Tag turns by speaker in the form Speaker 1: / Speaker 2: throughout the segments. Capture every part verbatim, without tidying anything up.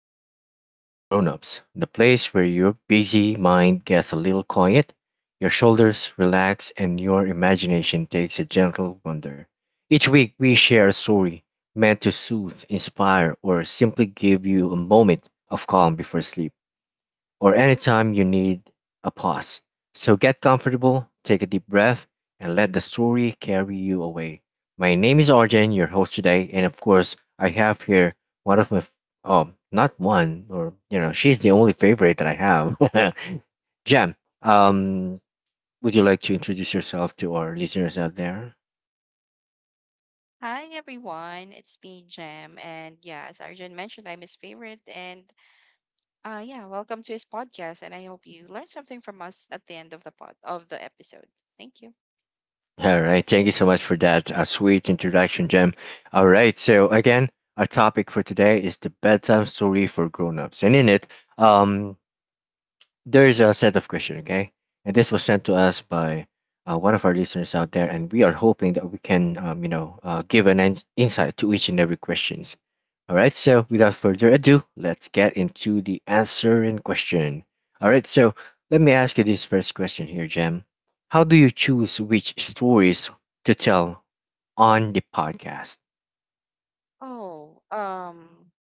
Speaker 1: bedtime story of grown-ups, the place where your busy mind gets a little quiet, your shoulders relax, and your imagination takes a gentle wander. Each week, we share a story meant to soothe, inspire, or simply give you a moment of calm before sleep or anytime you need a pause. So get comfortable, take a deep breath, and let the story carry you away. My name is Arjen, your host today, and of course, I have here one of my, f- um, not one, or you know, she's the only favorite that I have. Jem, um, would you like to introduce yourself to our listeners out there?
Speaker 2: Hi everyone, it's me Jam, and yeah, as Arjun mentioned, I'm his favorite, and uh, yeah, welcome to his podcast, and I hope you learned something from us at the end of the pod of the episode. Thank you.
Speaker 1: All right. Thank you so much for that uh, sweet introduction, Jem. All right. So again, our topic for today is the bedtime story for grown-ups, and in it, um, there's a set of question, okay? And this was sent to us by uh, one of our listeners out there, and we are hoping that we can, um, you know, uh, give an ins insight to each and every questions. All right. So without further ado, let's get into the answering question. All right. So let me ask you this first question here, Jem. How do you choose which stories to tell on the podcast?
Speaker 2: Oh, um,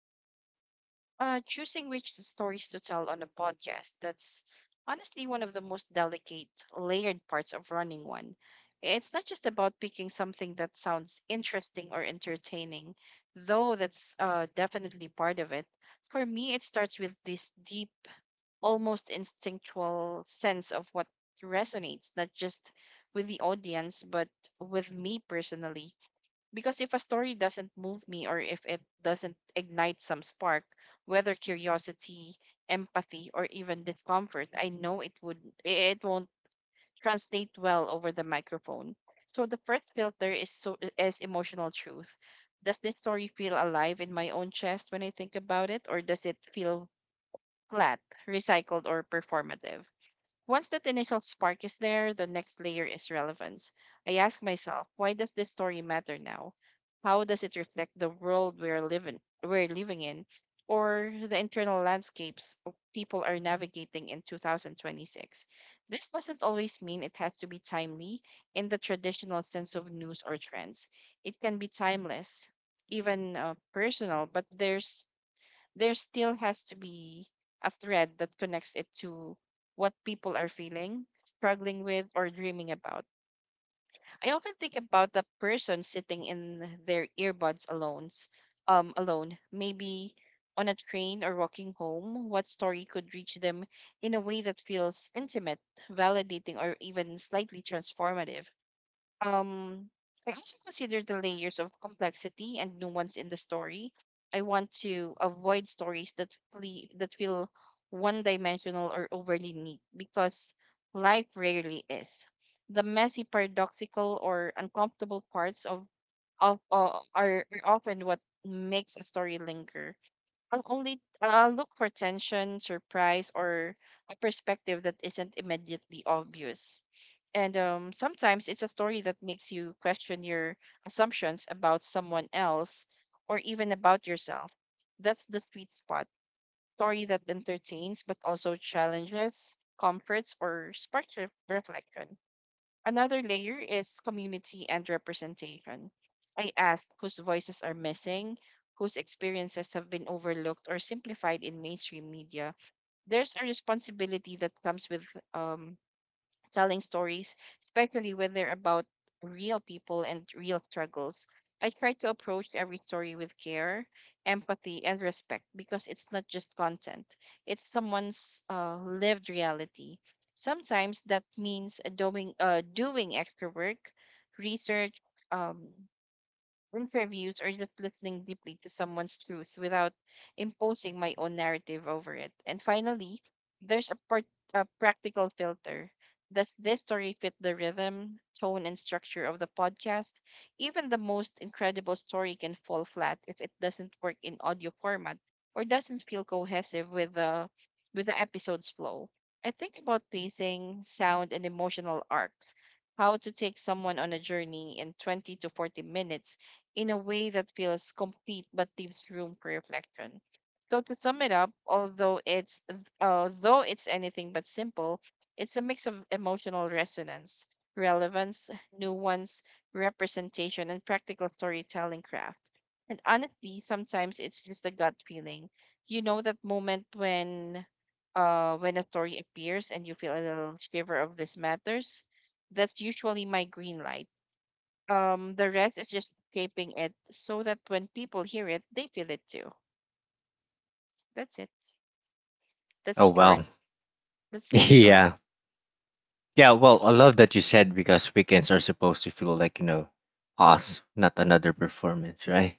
Speaker 2: uh, Choosing which stories to tell on a podcast, that's honestly one of the most delicate, layered parts of running one. It's not just about picking something that sounds interesting or entertaining, though that's uh, definitely part of it for me. It starts with this deep, almost instinctual sense of what resonates, not just with the audience, but with me personally. Because if a story doesn't move me, or if it doesn't ignite some spark, whether curiosity, empathy, or even discomfort, I know it would it won't translate well over the microphone. So the first filter is so is emotional truth. Does this story feel alive in my own chest when I think about it, or does it feel flat, recycled, or performative? Once that initial spark is there, the next layer is relevance. I ask myself, why does this story matter now? How does it reflect the world we're living we're living in, or the internal landscapes of people are navigating in two thousand twenty-six? This doesn't always mean it has to be timely in the traditional sense of news or trends. It can be timeless, even uh, personal, but there's there still has to be a thread that connects it to what people are feeling, struggling with, or dreaming about. I often think about the person sitting in their earbuds alone, um, alone, maybe on a train or walking home. What story could reach them in a way that feels intimate, validating, or even slightly transformative? Um, I also consider the layers of complexity and nuance in the story. I want to avoid stories that flee, that feel one-dimensional or overly neat, because life rarely is. The messy, paradoxical, or uncomfortable parts of of uh, are are often what makes a story linger. I'll only I'll look for tension, surprise, or a perspective that isn't immediately obvious. And um, sometimes it's a story that makes you question your assumptions about someone else, or even about yourself. That's the sweet spot. Story that entertains but also challenges, comforts, or sparks re- reflection. Another layer is community and representation. I ask, whose voices are missing, whose experiences have been overlooked or simplified in mainstream media? There's a responsibility that comes with um, telling stories, especially when they're about real people and real struggles. I try to approach every story with care, empathy, and respect, because it's not just content, it's someone's uh, lived reality. Sometimes that means doing, uh, doing extra work, research, um, interviews, or just listening deeply to someone's truth without imposing my own narrative over it. And finally, there's a, part, a practical filter. Does this story fit the rhythm, tone, and structure of the podcast? Even the most incredible story can fall flat if it doesn't work in audio format, or doesn't feel cohesive with the with the episode's flow. I think about pacing, sound, and emotional arcs, how to take someone on a journey in twenty to forty minutes in a way that feels complete but leaves room for reflection. So to sum it up, although it's although it's anything but simple, it's a mix of emotional resonance, relevance, nuance, representation, and practical storytelling craft. And honestly, sometimes it's just a gut feeling. You know that moment when uh when a story appears and you feel a little shiver of, this matters? That's usually my green light. Um, the rest is just shaping it so that when people hear it, they feel it too. That's it.
Speaker 1: Oh
Speaker 2: That's short.
Speaker 1: well,
Speaker 2: That's just short.
Speaker 1: yeah. Yeah, well, I love that you said because weekends are supposed to feel like, you know, us, not another performance, right?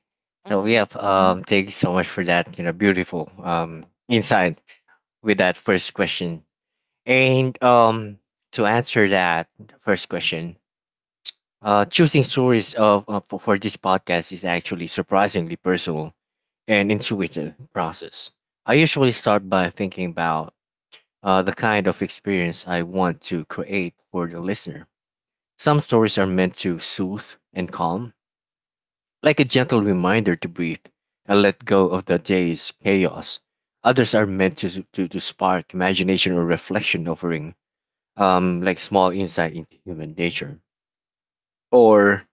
Speaker 1: So
Speaker 2: Mm-hmm.
Speaker 1: yeah, um thank you so much for that, you know, beautiful um insight with that first question. And um to answer that first question, uh choosing stories of uh, for for this podcast is actually surprisingly personal and intuitive process. I usually start by thinking about uh the kind of experience I want to create for the listener some stories are meant to soothe and calm, like a gentle reminder to breathe and let go of the day's chaos. Others are meant to, to, to spark imagination or reflection, offering um, like small insight into human nature or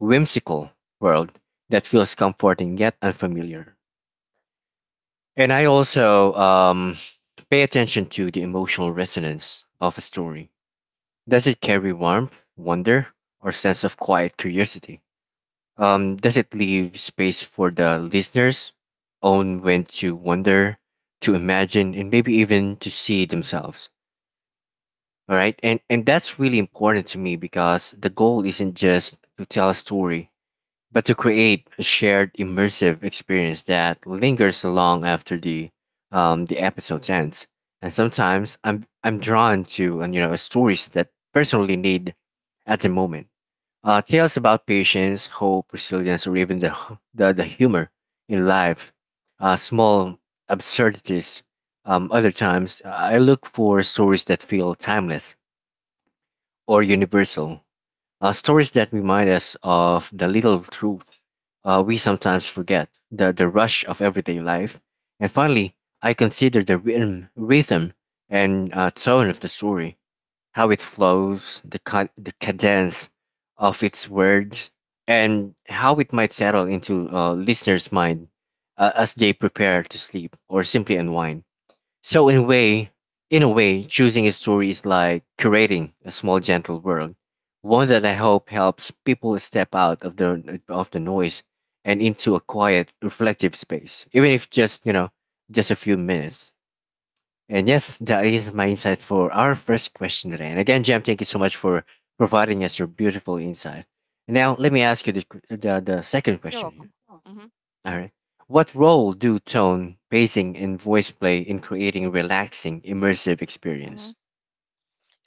Speaker 1: whimsical world that feels comforting yet unfamiliar. And I also um, pay attention to the emotional resonance of a story. Does it carry warmth, wonder, or sense of quiet curiosity? Um, does it leave space for the listeners own when to wonder, to imagine, and maybe even to see themselves? All right, and and that's really important to me because the goal isn't just to tell a story, but to create a shared immersive experience that lingers long after the um the episode ends. And sometimes I'm I'm drawn to uh, you know stories that personally need at the moment uh, tales about patience, hope, resilience, or even the, hu- the, the humor in life, uh, small absurdities. Um, other times, I look for stories that feel timeless or universal, uh, stories that remind us of the little truth uh, we sometimes forget, the, the rush of everyday life. And finally, I consider the rhythm, rhythm and uh, tone of the story how it flows, the, con- the, cadence of its words, and how it might settle into a listener's mind uh, as they prepare to sleep or simply unwind. So in a way, in a way, choosing a story is like curating a small gentle world, one that I hope helps people step out of the of the noise and into a quiet, reflective space, even if just, you know, just a few minutes. And yes, that is my insight for our first question today. And again, Jam, thank you so much for providing us your beautiful insight. Now let me ask you the, qu- the, the second
Speaker 2: You're
Speaker 1: question here.
Speaker 2: welcome. Mm-hmm.
Speaker 1: All right. What role do tone, pacing, and voice play in creating relaxing, immersive
Speaker 2: Mm-hmm.
Speaker 1: experience?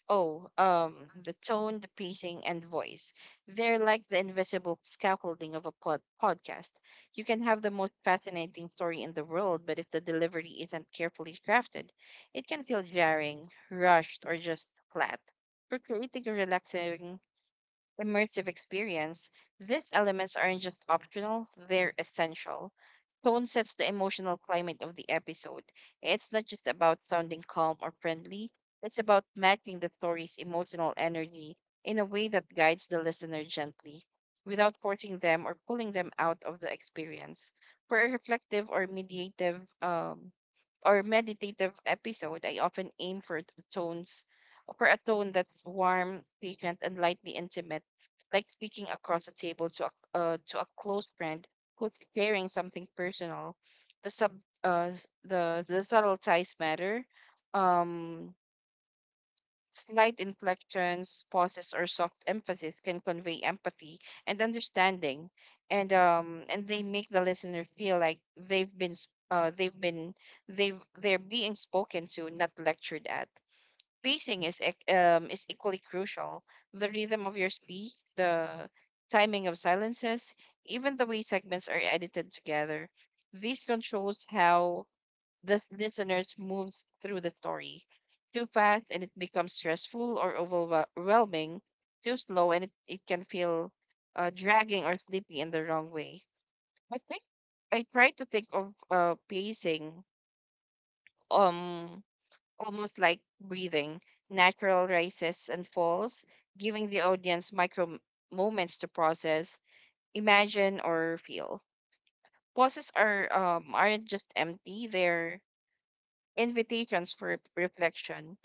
Speaker 2: Oh, um, the tone, the pacing, and voice. They're like the invisible scaffolding of a pod- podcast. You can have the most fascinating story in the world, but if the delivery isn't carefully crafted, it can feel jarring, rushed, or just flat. We're creating a relaxing, immersive experience; these elements aren't just optional, they're essential. Tone sets the emotional climate of the episode. It's not just about sounding calm or friendly, it's about matching the story's emotional energy in a way that guides the listener gently, without forcing them or pulling them out of the experience. For a reflective or mediative um, or meditative episode, I often aim for t- tones for a tone that's warm, patient, and lightly intimate, like speaking across a table to a uh, to a close friend who's sharing something personal. The sub uh, s- the the subtle ties matter. Um, Slight inflections, pauses, or soft emphasis can convey empathy and understanding, and um, and they make the listener feel like they've been s- uh, they've been they've they're being spoken to, not lectured at. Pacing is ec- um, is equally crucial. The rhythm of your speech, the timing of silences, even the way segments are edited together. This controls how the listeners moves through the story. Too fast and it becomes stressful or overwhelming. Too slow and it, it can feel uh, dragging or sleepy in the wrong way. I think I try to think of uh, pacing um almost like breathing, natural rises and falls, giving the audience micro m- moments to process, imagine, or feel. Pauses are um, aren't just empty; they're invitations for reflection,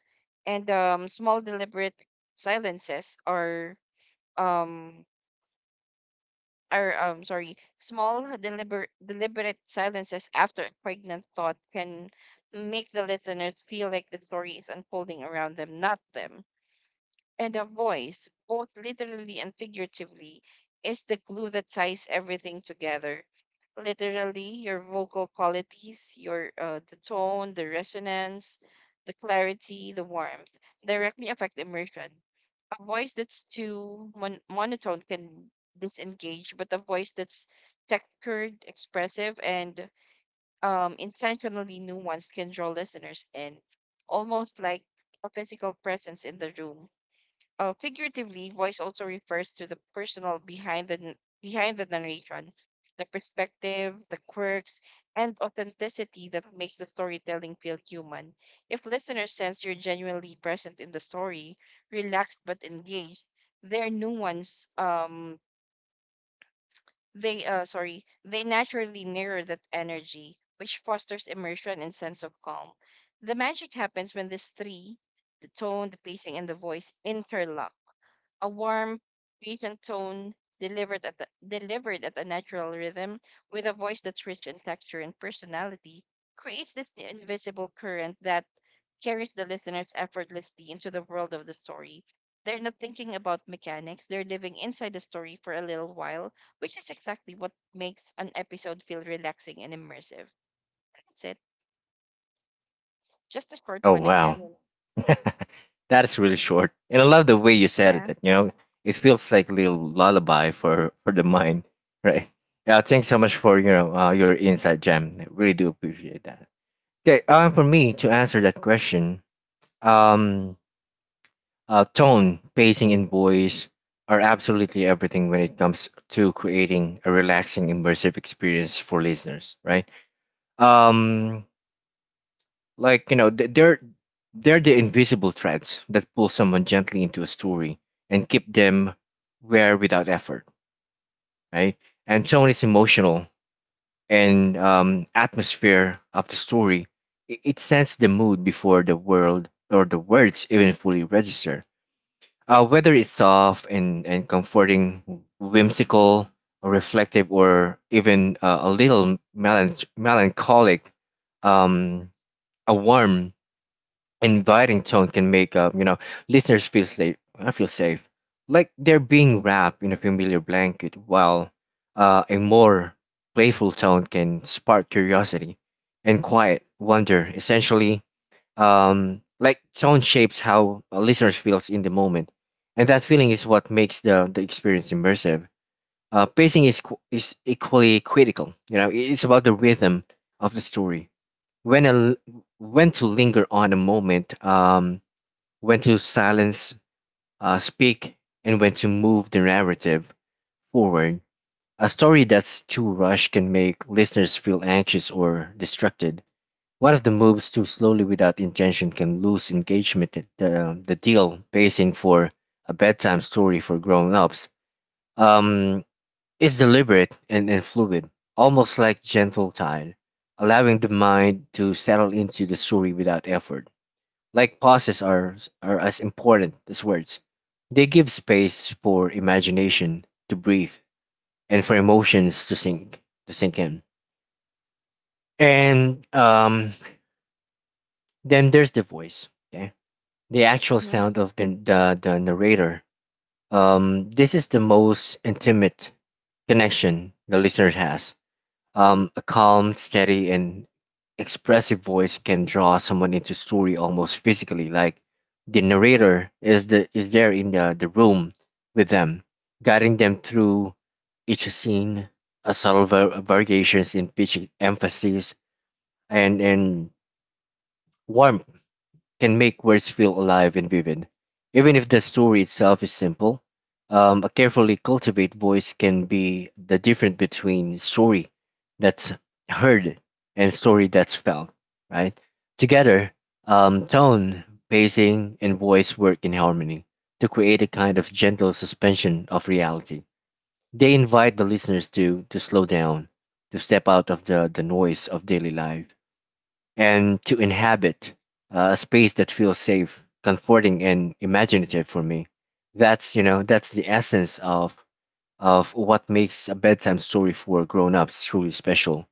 Speaker 2: and um, small deliberate silences are um are um sorry small deliberate deliberate silences after a pregnant thought can make the listeners feel like the story is unfolding around them, not them. And a voice, both literally and figuratively, is the glue that ties everything together. Literally, your vocal qualities, your uh, the tone, the resonance, the clarity, the warmth, directly affect immersion. A voice that's too mon- monotone can disengage, but a voice that's textured, expressive, and um, intentionally nuanced can draw listeners in, almost like a physical presence in the room. Uh, figuratively, voice also refers to the personal behind the n- behind the narration, the perspective, the quirks, and authenticity that makes the storytelling feel human. If listeners sense you're genuinely present in the story, relaxed but engaged, their nuance, um, they uh, sorry, they naturally mirror that energy, which fosters immersion and sense of calm. The magic happens when these three, the tone, the pacing, and the voice, interlock. A warm, patient tone delivered at the, delivered at a natural rhythm with a voice that's rich in texture and personality creates this invisible current that carries the listeners effortlessly into the world of the story. They're not thinking about mechanics, they're living inside the story for a little while, which is exactly what makes an episode feel relaxing and immersive. That's it. Just a short
Speaker 1: Oh,
Speaker 2: one again.
Speaker 1: wow. that is really short. And I love the way you said it.
Speaker 2: Yeah.
Speaker 1: that, You know, it feels like a little lullaby for, for the mind, right? Yeah, thanks so much for you know, uh, your insight, Jam. I really do appreciate that. Okay, um, for me to answer that question, um, uh, tone, pacing, and voice are absolutely everything when it comes to creating a relaxing, immersive experience for listeners, right? Um, like you know, th- they're they're the invisible threads that pull someone gently into a story and keep them where without effort, right? And tone is emotional, and um, atmosphere of the story. It, it sets the mood before the world or the words even fully register. Uh, whether it's soft and, and comforting, whimsical, or reflective, or even uh, a little melan- melancholic, um, a warm inviting tone can make uh, you know listeners feel safe. I feel safe, like they're being wrapped in a familiar blanket, while uh, a more playful tone can spark curiosity and quiet wonder. Essentially, um, like tone shapes how a listener feels in the moment, and that feeling is what makes the the experience immersive. Uh, pacing is qu- is equally critical. You know, it's about the rhythm of the story when a l- when to linger on a moment, um, when to silence, uh, speak, and when to move the narrative forward. A story that's too rushed can make listeners feel anxious or distracted. One of the moves too slowly without intention can lose engagement. At The, the deal pacing for a bedtime story for grown-ups um, is deliberate and, and fluid, almost like gentle tide, allowing the mind to settle into the story without effort. Like pauses are are as important as words. They give space for imagination to breathe and for emotions to sink to sink in. And um, then there's the voice. Okay, the actual
Speaker 2: Hmm.
Speaker 1: sound of the the, the narrator. Um, this is the most intimate connection the listener has. Um, a calm, steady, and expressive voice can draw someone into story almost physically, like the narrator is the is there in the, the room with them, guiding them through each scene, a subtle var- variations in pitch emphasis and and warmth can make words feel alive and vivid, even if the story itself is simple. Um, a carefully cultivated voice can be the difference between story that's heard and story that's felt, right? Together, um, tone, pacing, and voice work in harmony to create a kind of gentle suspension of reality. They invite the listeners to, to slow down, to step out of the, the noise of daily life and to inhabit uh, a space that feels safe, comforting, and imaginative for me. That's you know that's the essence of of what makes a bedtime story for grown-ups truly special.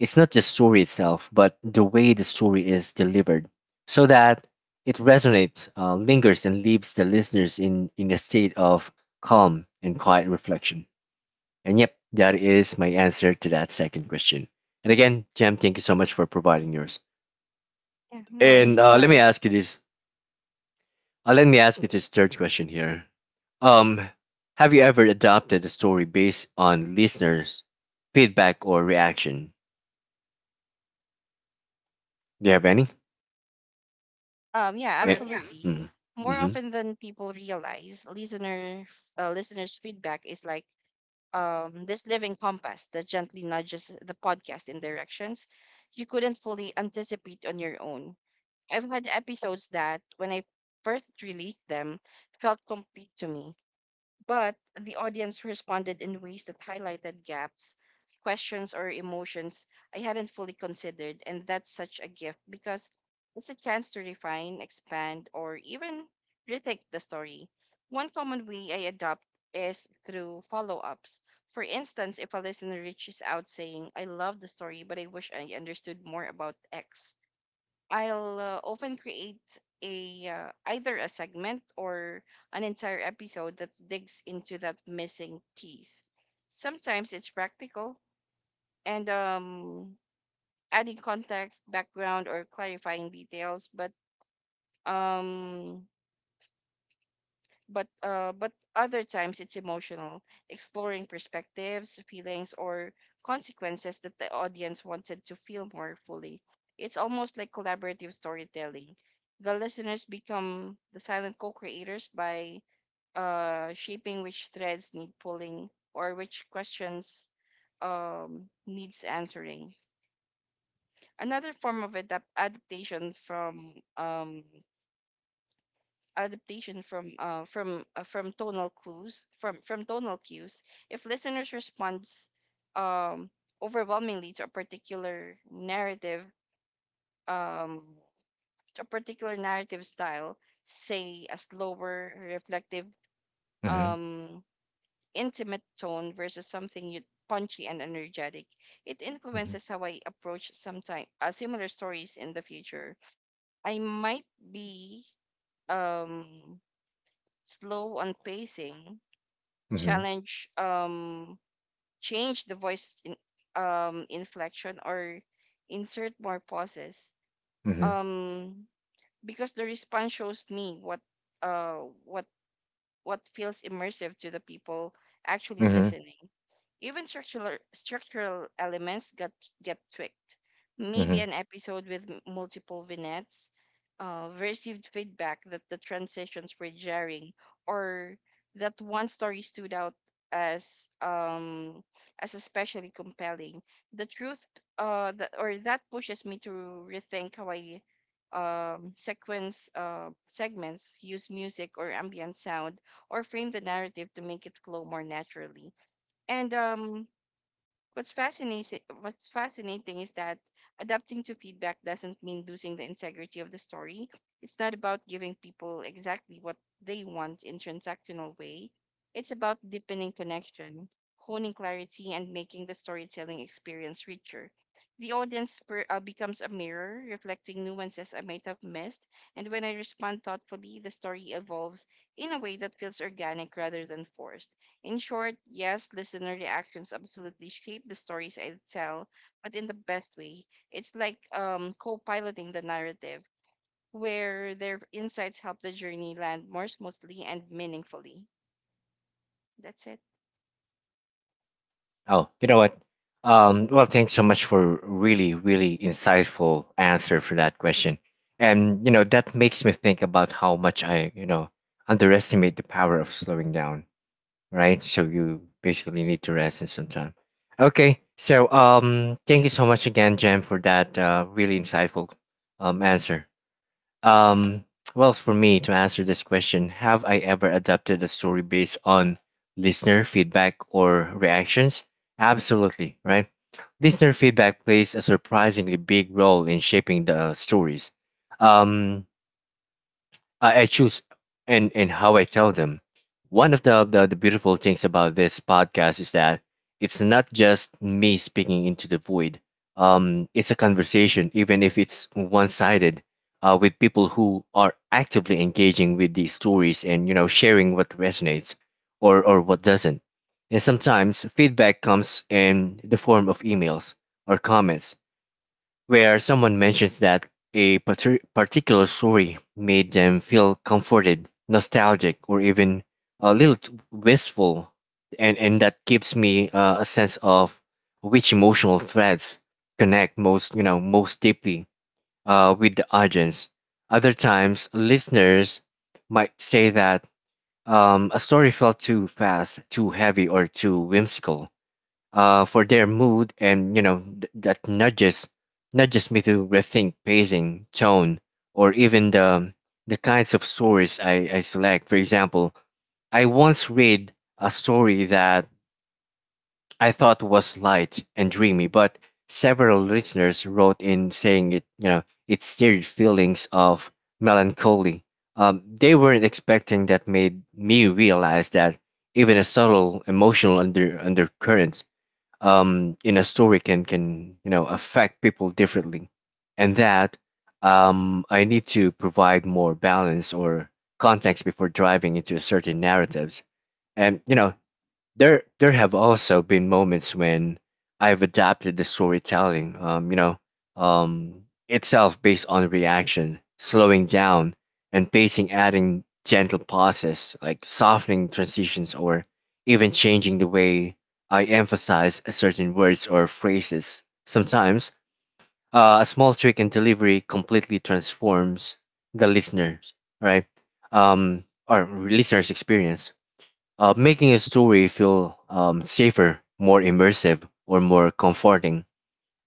Speaker 1: It's not the story itself, but the way the story is delivered, so that it resonates, uh, lingers, and leaves the listeners in in a state of calm and quiet reflection. And yep, that is my answer to that second question. And again, Jam, thank you so much for providing yours.
Speaker 2: Yeah, no worries.
Speaker 1: And uh, let me ask you this. Uh, let me ask you this third question here. Um, have you ever adopted a story based on listeners' feedback or reaction? Do you have any?
Speaker 2: Um, yeah,
Speaker 1: Yeah.
Speaker 2: absolutely.
Speaker 1: Mm-hmm.
Speaker 2: More
Speaker 1: Mm-hmm.
Speaker 2: often than people realize, listener uh, listeners' feedback is like um, this living compass that gently nudges the podcast in directions you couldn't fully anticipate on your own. I've had episodes that, when I first released them, felt complete to me, but the audience responded in ways that highlighted gaps, questions, or emotions I hadn't fully considered, and that's such a gift, because it's a chance to refine, expand, or even rethink the story. One common way I adopt is through follow ups. For instance, if a listener reaches out saying, I love the story, but I wish I understood more about X, I'll uh, often create a uh, either a segment or an entire episode that digs into that missing piece. Sometimes it's practical, and um, adding context, background, or clarifying details, but um, but uh, but other times it's emotional, exploring perspectives, feelings, or consequences that the audience wanted to feel more fully. It's almost like collaborative storytelling. The listeners become the silent co-creators by uh, shaping which threads need pulling, or which questions um, needs answering. Another form of adap- adaptation from um, adaptation from uh, from uh, from tonal clues from from tonal cues. If listeners responds um overwhelmingly to a particular narrative um to a particular narrative style, say a slower, reflective,
Speaker 1: Mm-hmm.
Speaker 2: um intimate tone versus something you punchy and energetic, it
Speaker 1: Mm-hmm.
Speaker 2: influences how I approach sometime uh, similar stories in the future. I might be um slow on pacing,
Speaker 1: Mm-hmm.
Speaker 2: challenge um change the voice in, um inflection, or insert more pauses,
Speaker 1: Mm-hmm.
Speaker 2: um because the response shows me what uh what what feels immersive to the people actually
Speaker 1: Mm-hmm.
Speaker 2: listening. Even structural structural elements get get tweaked. Maybe
Speaker 1: Mm-hmm.
Speaker 2: an episode with m- multiple vignettes uh, received feedback that the transitions were jarring, or that one story stood out as um as especially compelling. The truth, uh, that or That pushes me to rethink how I um sequence uh segments, use music or ambient sound, or frame the narrative to make it flow more naturally. And um, What's fascinating what's fascinating is that adapting to feedback doesn't mean losing the integrity of the story. It's not about giving people exactly what they want in transactional way. It's about deepening connection, honing clarity and making the storytelling experience richer. The audience per, uh, becomes a mirror reflecting nuances I might have missed, and when I respond thoughtfully, the story evolves in a way that feels organic rather than forced. In short, yes, listener reactions absolutely shape the stories I tell, but in the best way. It's like um, co piloting the narrative, where their insights help the journey land more smoothly and meaningfully. That's it.
Speaker 1: Oh, you know what? Um, well, thanks so much for really, really insightful answer for that question. And you know, that makes me think about how much I, you know, underestimate the power of slowing down, right? So you basically need to rest in some time. Okay, so um, thank you so much again, Jen, for that uh, really insightful um answer. Um, well, for me to answer this question, have I ever adapted a story based on listener feedback or reactions? Absolutely, right? Listener feedback plays a surprisingly big role in shaping the stories. Um, I, I choose and and how I tell them. One of the, the the beautiful things about this podcast is that it's not just me speaking into the void. Um, it's a conversation, even if it's one-sided, uh, with people who are actively engaging with these stories and you know sharing what resonates or or what doesn't. And sometimes feedback comes in the form of emails or comments where someone mentions that a parti- particular story made them feel comforted, nostalgic, or even a little t- wistful, and, and that gives me uh, a sense of which emotional threads connect most, you know, most deeply uh, with the audience. Other times, listeners might say that um, a story felt too fast, too heavy, or too whimsical uh, for their mood and you know th- that nudges nudges me to rethink pacing, tone, or even the the kinds of stories I, I select. For example, I once read a story that I thought was light and dreamy, but several listeners wrote in saying it you know it stirred feelings of melancholy. Um, they weren't expecting that made me realize that even a subtle emotional under undercurrent, um, in a story can can you know affect people differently, and that um, I need to provide more balance or context before driving into certain narratives. And you know, there there have also been moments when I've adapted the storytelling, um, you know, um, itself based on reaction, slowing down and pacing, adding gentle pauses, like softening transitions, or even changing the way I emphasize certain words or phrases. Sometimes uh, a small trick in delivery completely transforms the listener's right um, or listener's experience, uh, making a story feel um, safer, more immersive, or more comforting.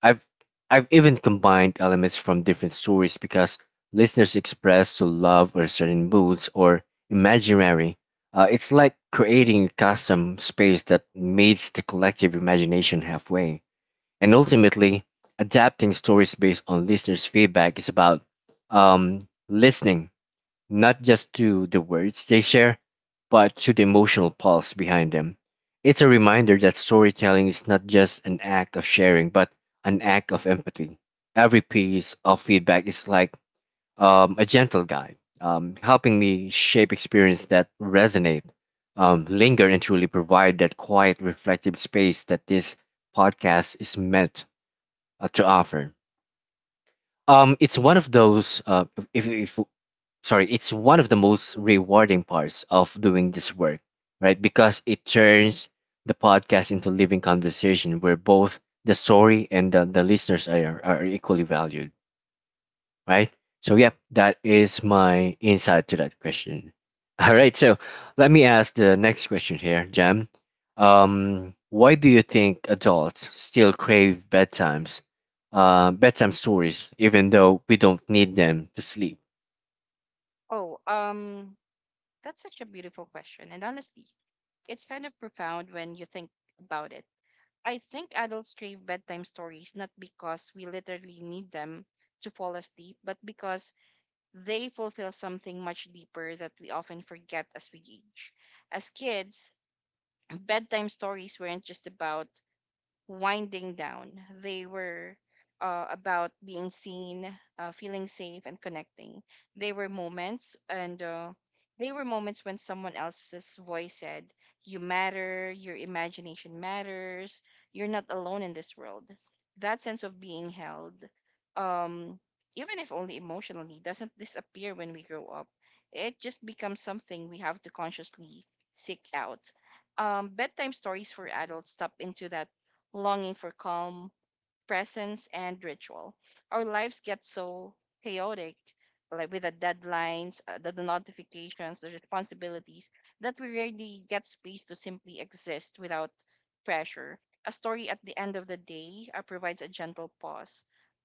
Speaker 1: I've I've even combined elements from different stories because listeners express to love or certain moods or imaginary. Uh, it's like creating a custom space that meets the collective imagination halfway. And ultimately, adapting stories based on listeners' feedback is about um, listening not just to the words they share, but to the emotional pulse behind them. It's a reminder that storytelling is not just an act of sharing, but an act of empathy. Every piece of feedback is like um, a gentle guide, um, helping me shape experience that resonate, um, linger, and truly provide that quiet, reflective space that this podcast is meant uh, to offer. Um, it's one of those. Uh, if if sorry, it's one of the most rewarding parts of doing this work, right? Because it turns the podcast into living conversation where both the story and the, the listeners are, are equally valued, right? So, yep, that is my insight to that question. All right, so let me ask the next question here, Jam. Um, why do you think adults still crave bedtimes, uh, bedtime stories, even though we don't need them to sleep?
Speaker 2: Oh, um, that's such a beautiful question. And honestly, it's kind of profound when you think about it. I think adults crave bedtime stories not because we literally need them to fall asleep, but because they fulfill something much deeper that we often forget as we age. As kids, bedtime stories weren't just about winding down. They were uh, about being seen, uh, feeling safe, and connecting. They were moments, and uh, they were moments when someone else's voice said, "You matter, your imagination matters, you're not alone in this world." That sense of being held, um, even if only emotionally, doesn't disappear when we grow up. It just becomes something we have to consciously seek out. Um, bedtime stories for adults tap into that longing for calm, presence, and ritual. Our lives get so chaotic, like with the deadlines, uh, the, the notifications, the responsibilities, that we rarely get space to simply exist without pressure. A story at the end of the day uh, provides a gentle pause,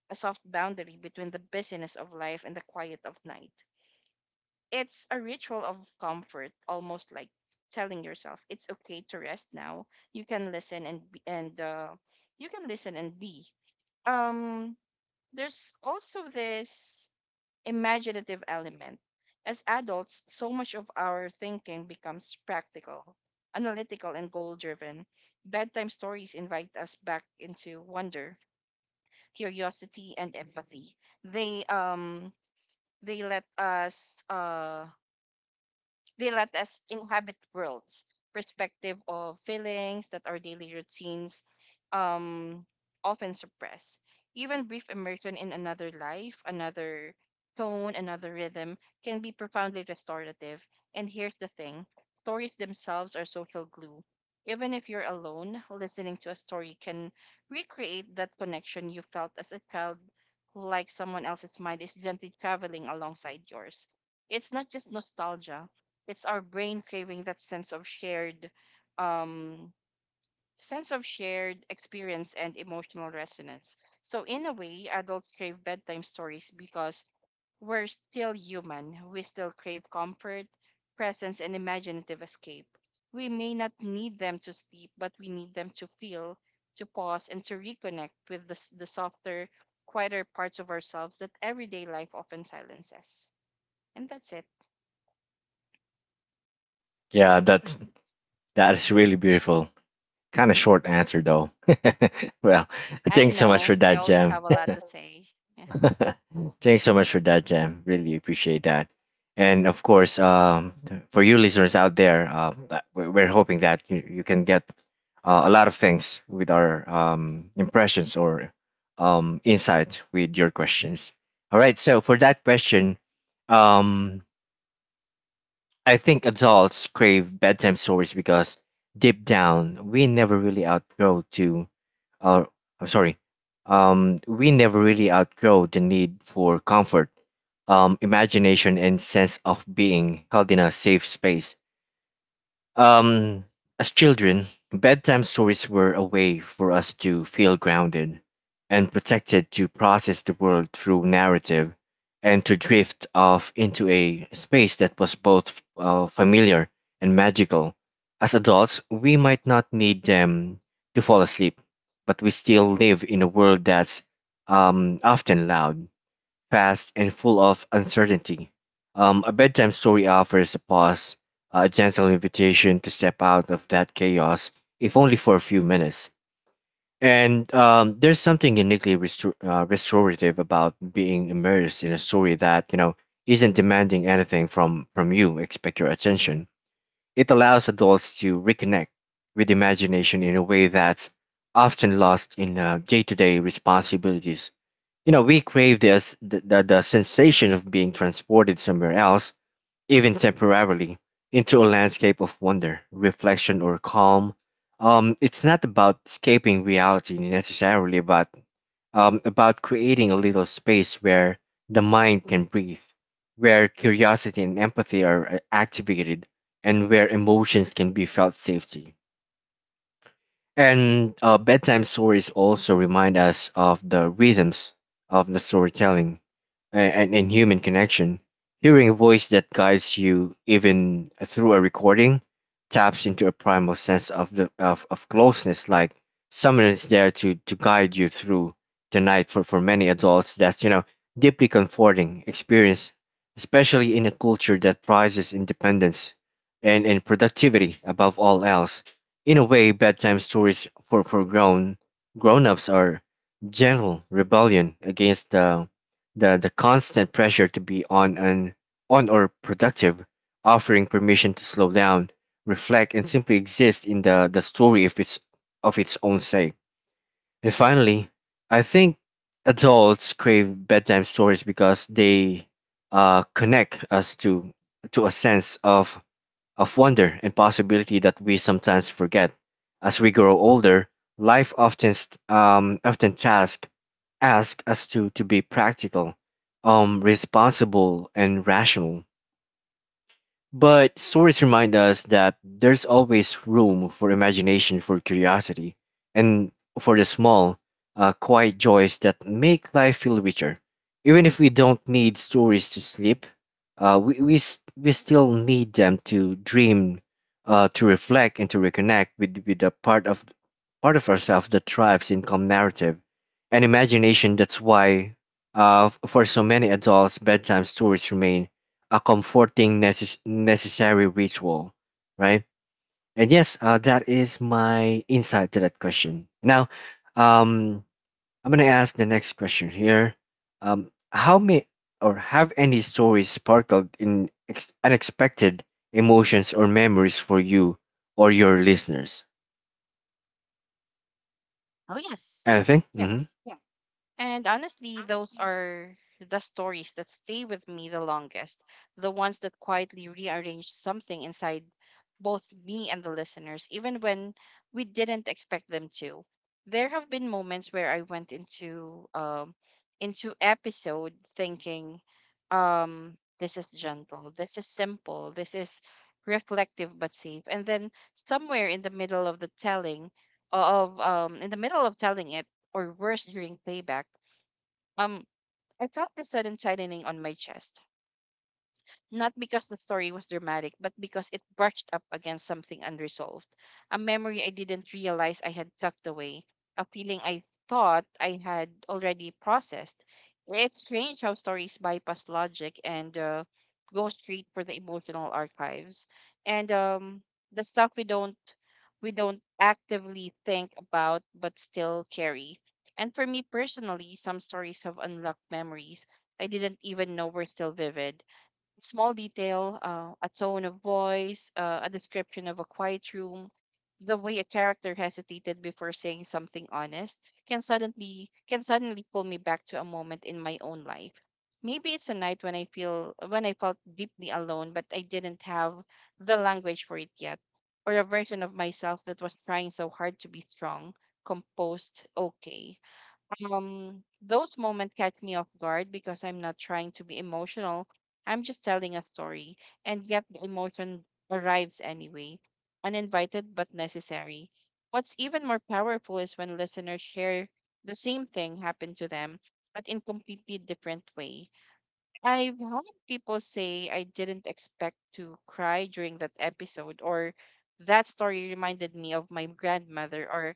Speaker 2: a soft boundary between the busyness of life and the quiet of night. It's a ritual of comfort, almost like telling yourself it's okay to rest now. You can listen and be, and uh, you can listen and be. Um, there's also this imaginative element. As adults, so much of our thinking becomes practical, analytical, and goal driven. Bedtime stories invite us back into wonder, curiosity, and empathy. They um they let us uh They let us inhabit worlds, perspective of feelings that our daily routines um, often suppress. Even brief immersion in another life, another tone, another rhythm can be profoundly restorative. And here's the thing: stories themselves are social glue. Even if you're alone, listening to a story can recreate that connection you felt as a child, like someone else's mind is gently traveling alongside yours. It's not just nostalgia, it's our brain craving that sense of shared um sense of shared experience and emotional resonance. So in a way, adults crave bedtime stories because we're still human. We still crave comfort, presence, and imaginative escape. We may not need them to sleep, but we need them to feel, to pause, and to reconnect with the, s- the softer, quieter parts of ourselves that everyday life often silences. And that's it. Yeah,
Speaker 1: Yeah, that's
Speaker 2: that's.
Speaker 1: that is really beautiful. Kind of short answer though. Well,
Speaker 2: I
Speaker 1: thanks so much for
Speaker 2: know. I
Speaker 1: that,
Speaker 2: always
Speaker 1: Jam.
Speaker 2: have a lot to say. Yeah.
Speaker 1: Thanks so much for that, Jam. Really appreciate that. And of course, um, for you listeners out there, uh, that- we- we're hoping that you, you can get uh, a lot of things with our um, impressions or um, insight with your questions. All right. So for that question, um, I think adults crave bedtime stories because deep down we never really outgrow to or I'm sorry, um, we never really outgrow the need for comfort, um, imagination, and sense of being held in a safe space. Um, as children, bedtime stories were a way for us to feel grounded and protected to process the world through narrative and to drift off into a space that was both uh, familiar and magical. As adults, we might not need them to fall asleep, but we still live in a world that's um, often loud, fast, and full of uncertainty. Um, a bedtime story offers a pause, a gentle invitation to step out of that chaos, if only for a few minutes. And um, there's something uniquely restor- uh, restorative about being immersed in a story that you know isn't demanding anything from from you. Expect your attention. It allows adults to reconnect with imagination in a way that's often lost in day to day responsibilities. You know, we crave this, the, the, the sensation of being transported somewhere else, even temporarily, into a landscape of wonder, reflection, or calm. Um, it's not about escaping reality necessarily, but um, about creating a little space where the mind can breathe, where curiosity and empathy are uh, activated, and where emotions can be felt safely. And uh, bedtime stories also remind us of the rhythms of the storytelling and, and, and human connection. Hearing a voice that guides you even through a recording taps into a primal sense of the of, of closeness, like someone is there to to guide you through the night. for, for many adults, that's you know deeply comforting experience, especially in a culture that prizes independence and, and productivity above all else. In a way, bedtime stories for, for grown grown ups are gentle rebellion against the the the constant pressure to be on and on or productive, offering permission to slow down, reflect, and simply exist in the, the story of its of its own sake. And finally, I think adults crave bedtime stories because they uh, connect us to to a sense of of wonder and possibility that we sometimes forget. As we grow older, life often st- um, often task ask us to, to be practical, um, responsible, and rational. But stories remind us that there's always room for imagination, for curiosity, and for the small, uh, quiet joys that make life feel richer. Even if we don't need stories to sleep, uh, we, we, s- we still need them to dream, uh, to reflect, and to reconnect with, with a part of part of ourselves that thrives in calm narrative and imagination. That's why, uh, for so many adults, bedtime stories remain a comforting, necess- necessary ritual, right? And yes, uh, that is my insight to that question. Now, um, I'm gonna ask the next question here. Um, how may or have any stories sparkled in ex- unexpected emotions or memories for you or your listeners?
Speaker 2: Oh yes.
Speaker 1: Anything? Mm-hmm.
Speaker 2: Yes. And honestly, those are the stories that stay with me the longest, the ones that quietly rearrange something inside both me and the listeners, even when we didn't expect them to. There have been moments where I went into um into episode thinking, um, this is gentle, this is simple, this is reflective but safe. And then somewhere in the middle of the telling of um in the middle of telling it or worse during playback, um, I felt a sudden tightening on my chest, not because the story was dramatic, but because it brushed up against something unresolved. A memory I didn't realize I had tucked away, a feeling I thought I had already processed. It's strange how stories bypass logic and uh, go straight for the emotional archives. And um, the stuff we don't we don't actively think about but still carry. And for me personally, some stories have unlocked memories I didn't even know were still vivid: small detail, uh, a tone of voice, uh, a description of a quiet room, the way a character hesitated before saying something honest can suddenly can suddenly pull me back to a moment in my own life. Maybe it's a night when I feel when I felt deeply alone, but I didn't have the language for it yet, or a version of myself that was trying so hard to be strong, composed, okay. Um, those moments catch me off guard because I'm not trying to be emotional. I'm just telling a story, and yet the emotion arrives anyway, uninvited but necessary. What's even more powerful is when listeners share the same thing happened to them, but in completely different way. I've had people say, "I didn't expect to cry during that episode," or "that story reminded me of my grandmother," or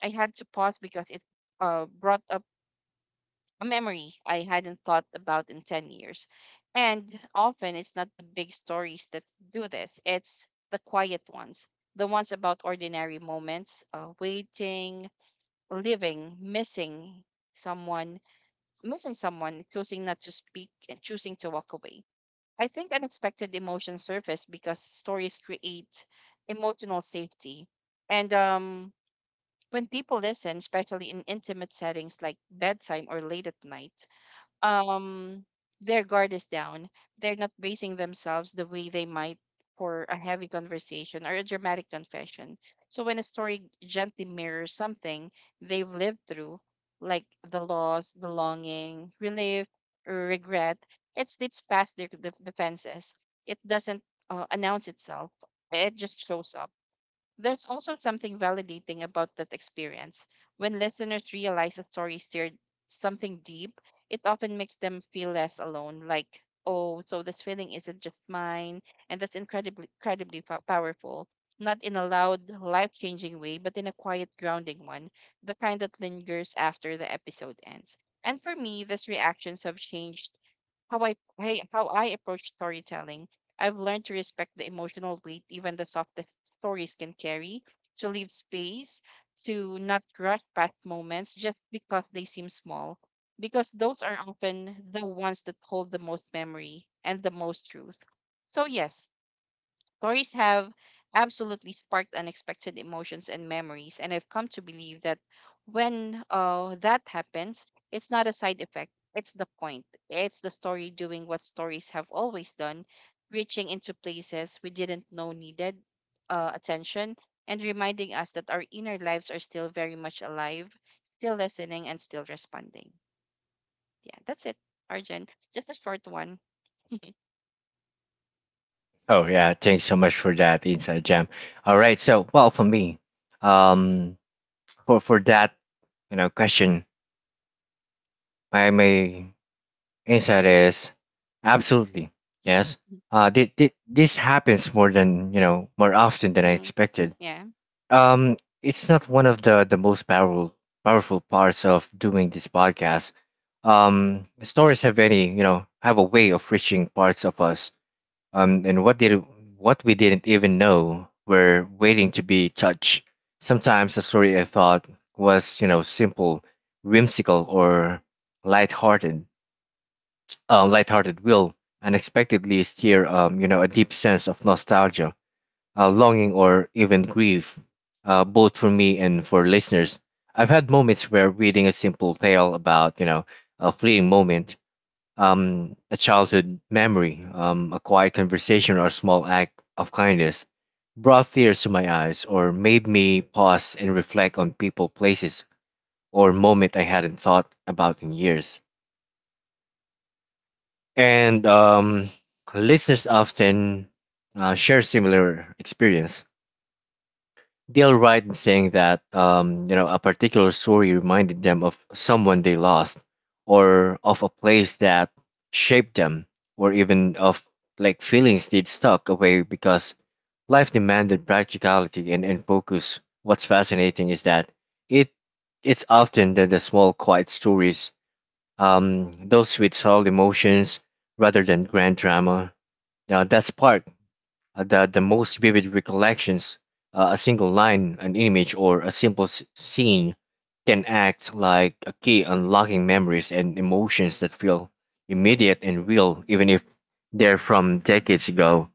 Speaker 2: "I had to pause because it uh, brought up a memory I hadn't thought about in ten years." And often it's not the big stories that do this, it's the quiet ones, the ones about ordinary moments, uh, waiting, living, missing someone, missing someone, choosing not to speak, and choosing to walk away. I think unexpected emotions surface because stories create emotional safety. And um, when people listen, especially in intimate settings like bedtime or late at night, um their guard is down. They're not bracing themselves the way they might for a heavy conversation or a dramatic confession. So when a story gently mirrors something they've lived through, like the loss, the longing, relief, or regret, it slips past their def- defenses. It doesn't uh, announce itself, it just shows up. There's also something validating about that experience. When listeners realize a story stirred something deep, it often makes them feel less alone. Like, oh, so this feeling isn't just mine. And that's incredibly, incredibly pow- powerful. Not in a loud, life changing way, but in a quiet, grounding one, the kind that lingers after the episode ends. And for me, these reactions have changed how I, I how I approach storytelling. I've learned to respect the emotional weight even the softest stories can carry, to leave space, to not rush past moments just because they seem small, because those are often the ones that hold the most memory and the most truth. So yes, stories have absolutely sparked unexpected emotions and memories, and I've come to believe that when uh, that happens, it's not a side effect, it's the point. It's the story doing what stories have always done, reaching into places we didn't know needed uh, attention and reminding us that our inner lives are still very much alive, still listening, and still responding. Yeah, that's it, Arjun. Just a short one.
Speaker 1: Oh yeah, thanks so much for that inside jam. All right, so well for me, um, for for that you know question, my my insight
Speaker 2: Mm-hmm.
Speaker 1: is absolutely yes. Uh, thi- thi- this happens more than you know more often than I
Speaker 2: Mm-hmm.
Speaker 1: expected.
Speaker 2: Yeah.
Speaker 1: Um, it's not one of the the most powerful powerful parts of doing this podcast. Um, stories have any you know have a way of reaching parts of us, um, and what did what we didn't even know were waiting to be touched. Sometimes a story I thought was you know simple, whimsical, or lighthearted, uh, lighthearted will unexpectedly stir um, you know a deep sense of nostalgia, uh, longing, or even grief, uh, both for me and for listeners. I've had moments where reading a simple tale about you know a fleeting moment, um, a childhood memory, um, a quiet conversation, or a small act of kindness brought tears to my eyes or made me pause and reflect on people, places, or moment I hadn't thought about in years. And um, listeners often uh, share similar experience. They'll write in saying that um, you know a particular story reminded them of someone they lost, or of a place that shaped them, or even of like feelings they'd stuck away because life demanded practicality and, and focus. What's fascinating is that it it's often the, the small quiet stories, um, those with solid emotions rather than grand drama. Now that spark uh, the, the most vivid recollections, uh, a single line, an image, or a simple s- scene can act like a key unlocking memories and emotions that feel immediate and real, even if they're from decades ago.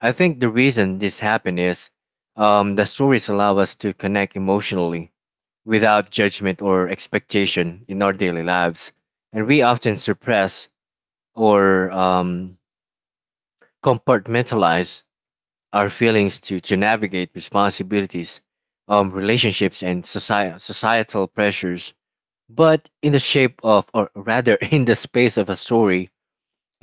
Speaker 1: I think the reason this happened is um, the stories allow us to connect emotionally without judgment or expectation in our daily lives, and we often suppress or um, compartmentalize our feelings to, to navigate responsibilities, um, relationships, and soci- societal pressures. But in the shape of, or rather, in the space of a story,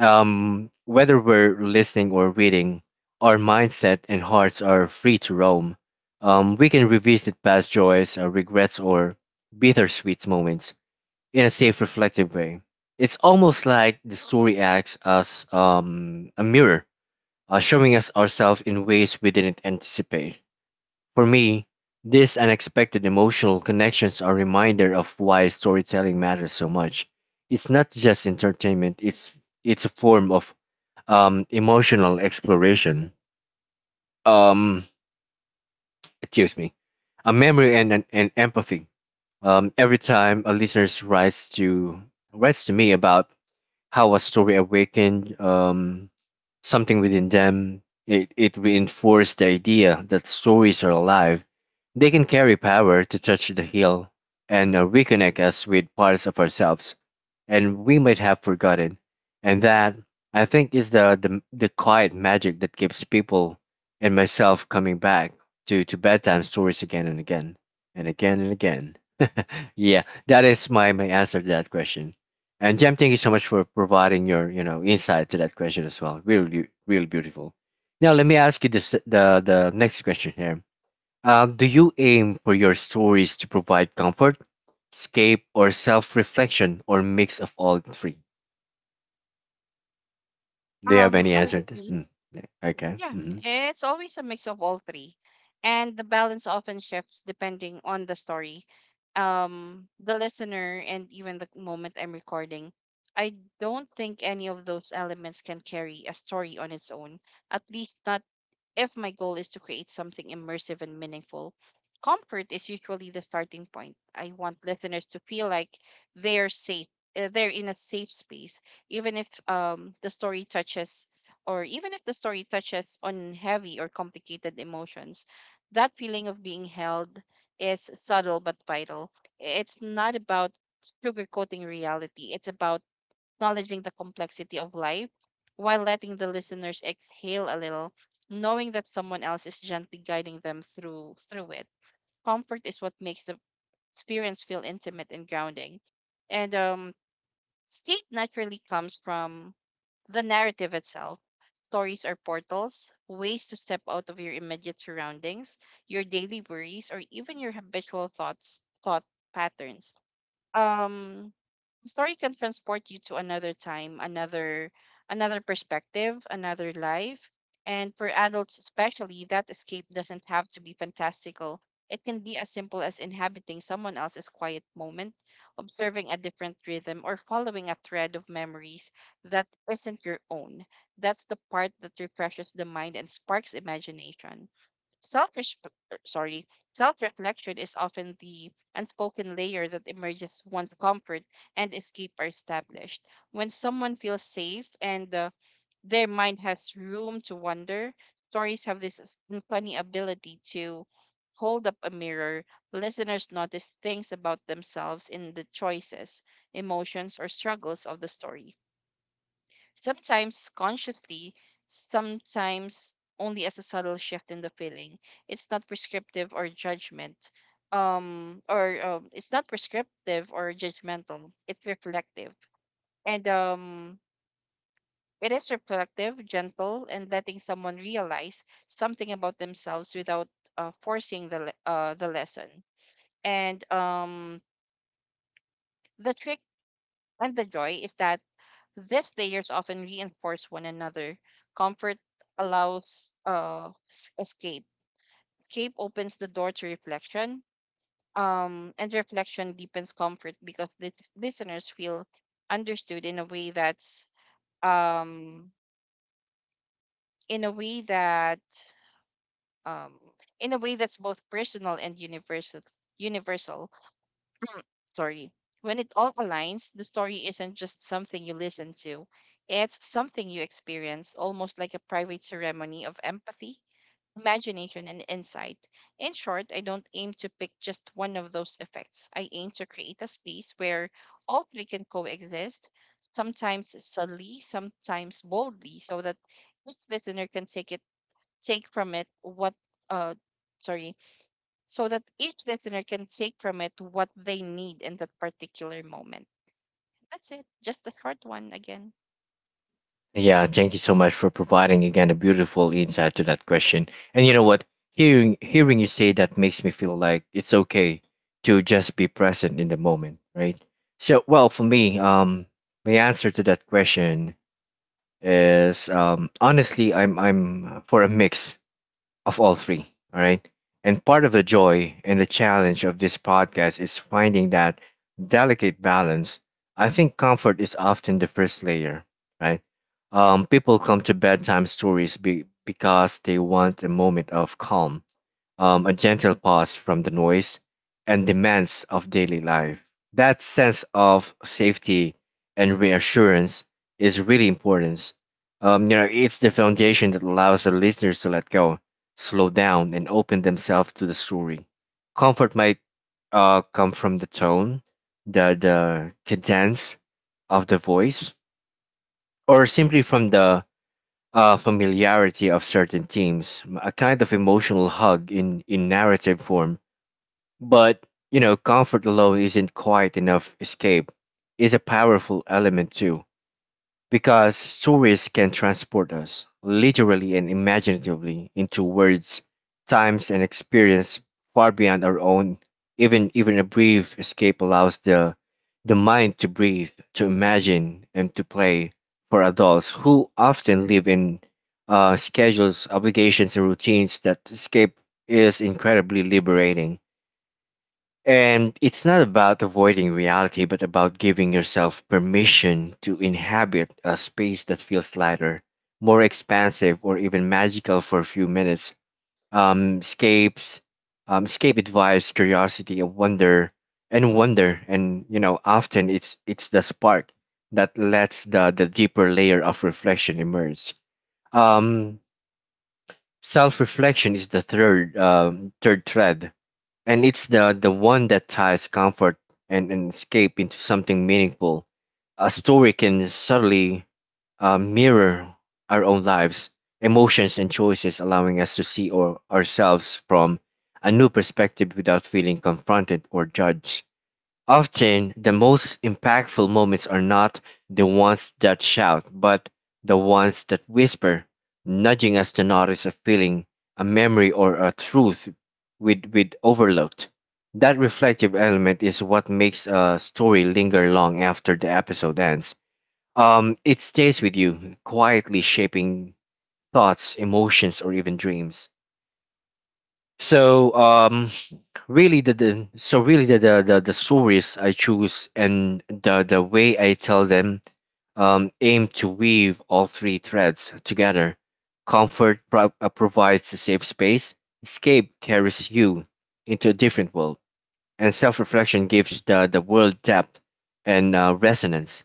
Speaker 1: um, whether we're listening or reading, our mindset and hearts are free to roam. Um, we can revisit past joys, uh, regrets, or bittersweet moments in a safe, reflective way. It's almost like the story acts as um, a mirror, uh, showing us ourselves in ways we didn't anticipate. For me, these unexpected emotional connections are a reminder of why storytelling matters so much. It's not just entertainment; it's it's a form of um, emotional exploration. Um, Excuse me, a memory and and, and empathy. Um, every time a listener writes to writes to me about how a story awakened um, something within them. It, it reinforced the idea that stories are alive. They can carry power to touch the heal and uh, reconnect us with parts of ourselves and we might have forgotten. And that, I think, is the, the, the quiet magic that keeps people and myself coming back to, to bedtime stories again and again and again and again. Yeah, that is my, my answer to that question. And Jem, thank you so much for providing your you know insight to that question as well. Really, really beautiful. Now let me ask you this, the the next question here. Uh, do you aim for your stories to provide comfort, escape, or self reflection, or mix of all three? Do you have
Speaker 2: Um.
Speaker 1: any answer? To-
Speaker 2: Honestly.
Speaker 1: Mm, yeah, okay.
Speaker 2: Yeah,
Speaker 1: Hmm.
Speaker 2: it's always a mix of all three, and the balance often shifts depending on the story, um, the listener, and even the moment I'm recording. I don't think any of those elements can carry a story on its own, at least not if my goal is to create something immersive and meaningful. Comfort is usually the starting point. I want listeners to feel like they're safe, uh, they're in a safe space, even if um, the story touches, or even if the story touches on heavy or complicated emotions. That feeling of being held is subtle but vital. It's not about sugarcoating reality, it's about acknowledging the complexity of life while letting the listeners exhale a little, knowing that someone else is gently guiding them through through it. Comfort is what makes the experience feel intimate and grounding. And um state naturally comes from the narrative itself. Stories are portals, ways to step out of your immediate surroundings, your daily worries, or even your habitual thoughts, thought patterns. Um, story can transport you to another time, another another perspective, another life. And for adults especially, that escape doesn't have to be fantastical. It can be as simple as inhabiting someone else's quiet moment, observing a different rhythm, or following a thread of memories that isn't your own. That's the part that refreshes the mind and sparks imagination. Self sorry, self-reflection is often the unspoken layer that emerges once comfort and escape are established. When someone feels safe and uh, their mind has room to wander, stories have this s- funny ability to hold up a mirror. Listeners notice things about themselves in the choices, emotions, or struggles of the story, sometimes consciously, sometimes only as a subtle shift in the feeling. It's not prescriptive or judgment. Um, or um, it's not prescriptive or judgmental. It's reflective, and um, it is reflective, gentle, and letting someone realize something about themselves without uh, forcing the le- uh, the lesson. And um, the trick and the joy is that these layers often reinforce one another. Comfort allows uh, s- escape. Escape opens the door to reflection, um, and reflection deepens comfort because the listeners feel understood in a way that's um, in a way that um, in a way that's both personal and universal. Universal. Mm, Sorry, when it all aligns, the story isn't just something you listen to, it's something you experience, almost like a private ceremony of empathy, imagination, and insight. In short, I don't aim to pick just one of those effects. I aim to create a space where all three can coexist, sometimes subtly, sometimes boldly, so that each listener can take it take from it what uh sorry so that each listener can take from it what they need in that particular moment. That's it. Just a short one again.
Speaker 1: Yeah, thank you so much for providing again a beautiful insight to that question. And you know what? Hearing hearing you say that makes me feel like it's okay to just be present in the moment, right? So, well, for me, um, my answer to that question is um, honestly, I'm I'm for a mix of all three. All right. And part of the joy and the challenge of this podcast is finding that delicate balance. I think comfort is often the first layer, right? Um, people come to bedtime stories be- because they want a moment of calm, um, a gentle pause from the noise and demands of daily life. That sense of safety and reassurance is really important. Um, you know, it's the foundation that allows the listeners to let go, slow down, and open themselves to the story. Comfort might uh, come from the tone, the the cadence of the voice, or simply from the uh, familiarity of certain themes, a kind of emotional hug in, in narrative form, but, you know, comfort alone isn't quite enough. Escape, it's a powerful element too, because stories can transport us, literally and imaginatively, into words, times, and experience far beyond our own. Even even a brief escape allows the the mind to breathe, to imagine, and to play. For adults who often live in uh, schedules, obligations, and routines, that escape is incredibly liberating. And it's not about avoiding reality, but about giving yourself permission to inhabit a space that feels lighter, more expansive, or even magical for a few minutes. Um, escapes, um, escape advice, curiosity, and wonder, and wonder, and you know, often it's it's the spark that lets the the deeper layer of reflection emerge. Um, self reflection is the third um, third thread, and it's the the one that ties comfort and, and escape into something meaningful. A story can subtly uh, mirror our own lives, emotions, and choices, allowing us to see or ourselves from a new perspective without feeling confronted or judged. Often, the most impactful moments are not the ones that shout, but the ones that whisper, nudging us to notice a feeling, a memory, or a truth we'd, we'd overlooked. That reflective element is what makes a story linger long after the episode ends. Um, it stays with you, quietly shaping thoughts, emotions, or even dreams. So um, really the, the so really the, the the the stories I choose and the the way I tell them, um, aim to weave all three threads together. Comfort pro- uh, provides a safe space, escape carries you into a different world, and self reflection gives the, the world depth and uh, resonance.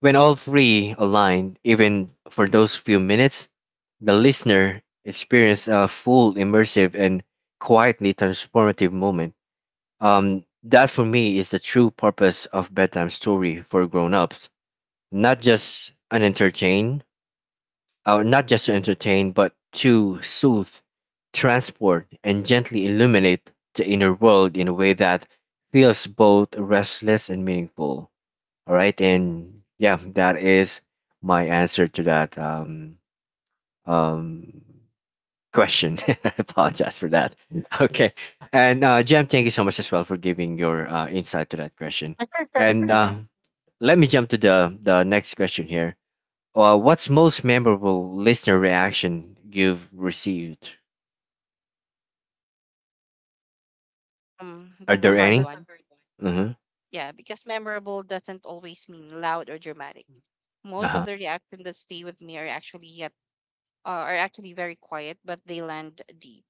Speaker 1: When all three align, even for those few minutes, the listener experiences a full, immersive, and quietly transformative moment. Um, that for me is the true purpose of bedtime story for grown-ups. Not just an entertain, uh, not just to entertain, but to soothe, transport, and gently illuminate the inner world in a way that feels both restless and meaningful. All right, and yeah, that is my answer to that um, um, question. I apologize for that. Okay, and uh, Jem, thank you so much as well for giving your uh, insight to that question. And
Speaker 2: hmm
Speaker 1: uh, let me jump to the the next question here. Uh, what's most memorable listener reaction you've received?
Speaker 2: Um,
Speaker 1: Are
Speaker 2: that's a
Speaker 1: there
Speaker 2: hard
Speaker 1: any?
Speaker 2: one.
Speaker 1: Mm-hmm.
Speaker 2: Yeah, because memorable doesn't always mean loud or dramatic.
Speaker 1: Uh
Speaker 2: Most of
Speaker 1: huh.
Speaker 2: the reactions that stay with me are actually yet uh, are actually very quiet, but they land deep.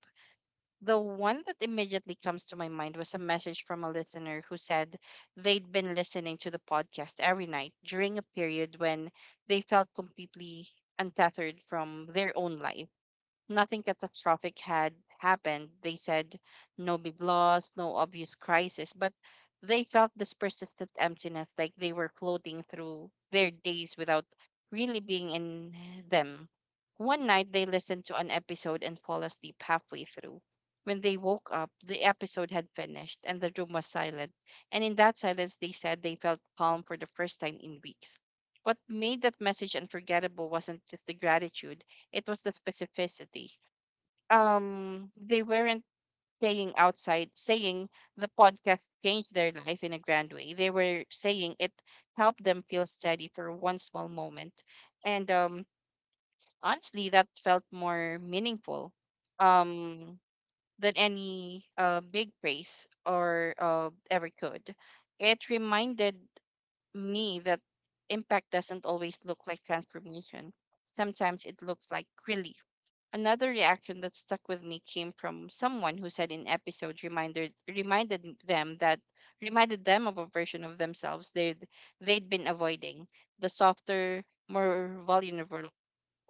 Speaker 2: The one that immediately comes to my mind was a message from a listener who said they'd been listening to the podcast every night during a period when they felt completely untethered from their own life. Nothing catastrophic had happened. They said no big loss, no obvious crisis, but they felt this persistent emptiness, like they were floating through their days without really being in them. One night, they listened to an episode and fell asleep halfway through. When they woke up, the episode had finished and the room was silent. And in that silence, they said they felt calm for the first time in weeks. What made that message unforgettable wasn't just the gratitude. It was the specificity. Um, they weren't saying outside, saying the podcast changed their life in a grand way. They were saying it helped them feel steady for one small moment. And um, honestly, that felt more meaningful um, than any uh, big praise or uh, ever could. It reminded me that impact doesn't always look like transformation. Sometimes it looks like relief. Another reaction that stuck with me came from someone who said in episode reminded reminded them that reminded them of a version of themselves they would they'd been avoiding, the softer, more vulnerable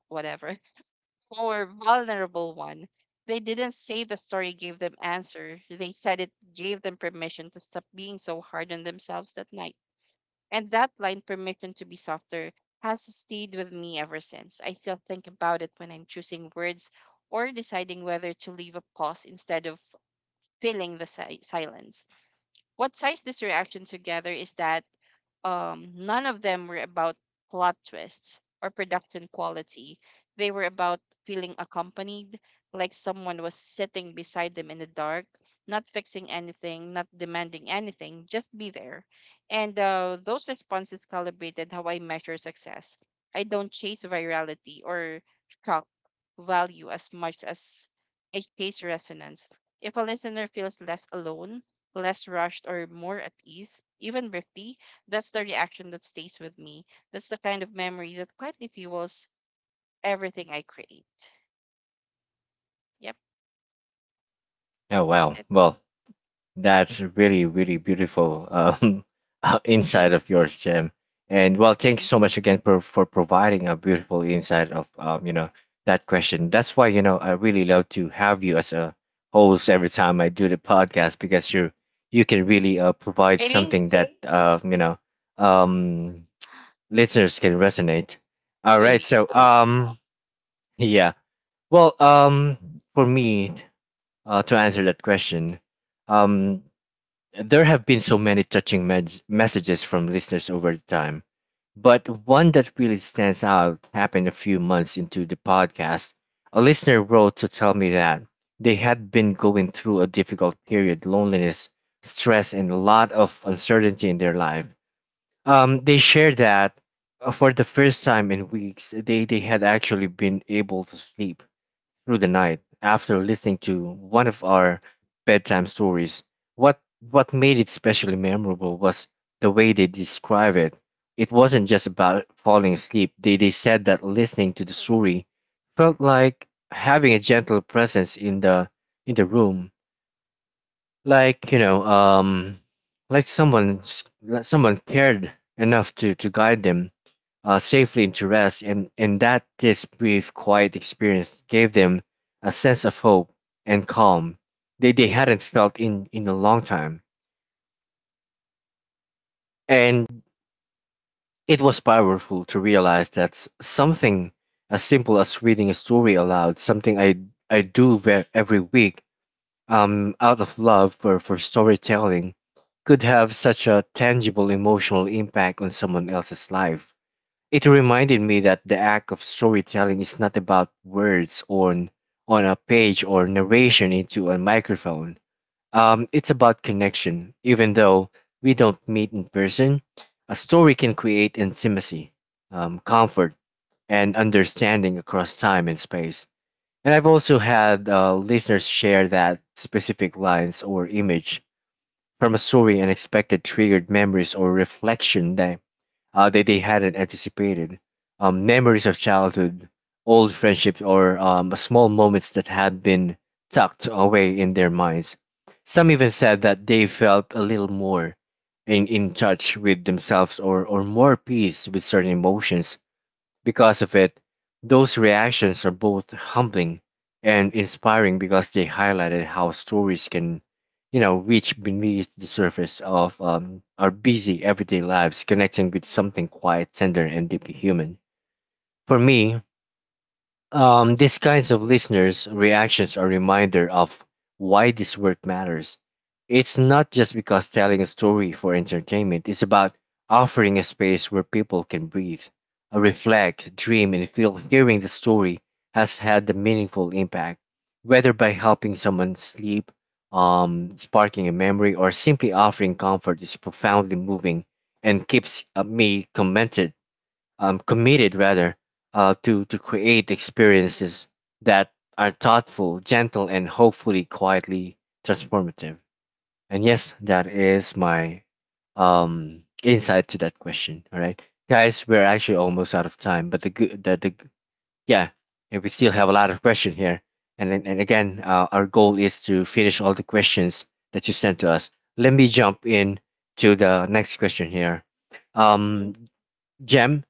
Speaker 2: whatever, more vulnerable one. They didn't say the story gave them answer. They said it gave them permission to stop being so hard on themselves that night. And that line, permission to be softer, has stayed with me ever since. I still think about it when I'm choosing words or deciding whether to leave a pause instead of filling the si- silence. What ties this reaction together is that um, none of them were about plot twists or production quality. They were about feeling accompanied, like someone was sitting beside them in the dark, not fixing anything, not demanding anything, just be there. And uh, those responses calibrated how I measure success. I don't chase virality or shock value as much as I chase resonance. If a listener feels less alone, less rushed, or more at ease, even risky, that's the reaction that stays with me. That's the kind of memory that quietly fuels everything I create. Yep,
Speaker 1: Oh
Speaker 2: that's
Speaker 1: wow.
Speaker 2: it.
Speaker 1: Well, that's really, really beautiful um, uh, insight of yours, Jim. And well, thanks
Speaker 2: Mhm.
Speaker 1: so much again for, for providing a beautiful insight of um, you know that question. That's why you know I really love to have you as a host every time I do the podcast because you you can really uh, provide
Speaker 2: Really?
Speaker 1: something that uh, you know, um, listeners can resonate. All right,
Speaker 2: Really
Speaker 1: so
Speaker 2: now.
Speaker 1: um, yeah, well, um, for me uh, to answer that question, um, there have been so many touching med- messages from listeners over the time, but one that really stands out happened a few months into the podcast. A listener wrote to tell me that they had been going through a difficult period, loneliness, stress, and a lot of uncertainty in their life. Um, they shared that uh, for the first time in weeks, they, they had actually been able to sleep through the night after listening to one of our bedtime stories. What what made it especially memorable was the way they describe it. It wasn't just about falling asleep. They they said that listening to the story felt like having a gentle presence in the in the room, like you know um like someone s- like someone cared enough to to guide them uh, safely into rest, and and that this brief quiet experience gave them a sense of hope and calm they they hadn't felt in in a long time, and it was powerful to realize that s- something as simple as reading a story aloud, something i i do ver- every week, um, out of love for, for storytelling, could have such a tangible emotional impact on someone else's life. It reminded me that the act of storytelling is not about words on on a page or narration into a microphone. Um, it's about connection. Even though we don't meet in person, a story can create intimacy, um, comfort, and understanding across time and space. And I've also had uh, listeners share that specific lines or image from a story and expected triggered memories or reflection that, uh, that they hadn't anticipated. Um, memories of childhood, old friendships, or um, small moments that had been tucked away in their minds. Some even said that they felt a little more in, in touch with themselves or, or more peace with certain emotions because of it. Those reactions are both humbling and inspiring because they highlighted how stories can, you know, reach beneath the surface of um, our busy everyday lives, connecting with something quiet, tender, and deeply human. For me, um, these kinds of listeners' reactions are a reminder of why this work matters. It's not just because telling a story for entertainment, it's about offering a space where people can breathe, uh, reflect, dream, and feel. Hearing the story has had a meaningful impact, whether by helping someone sleep, um, sparking a memory, or simply offering comfort, is profoundly moving and keeps uh, me commented um, committed rather, uh, to to create experiences that are thoughtful, gentle, and hopefully quietly transformative. And yes, that is my um, insight to that question. All right, guys, we're actually almost out of time, but the good the, the g- yeah, and we still have a lot of questions here. And then- and again, uh, our goal is to finish all the questions that you sent to us. Let me jump in to the next question here. Um, Jem,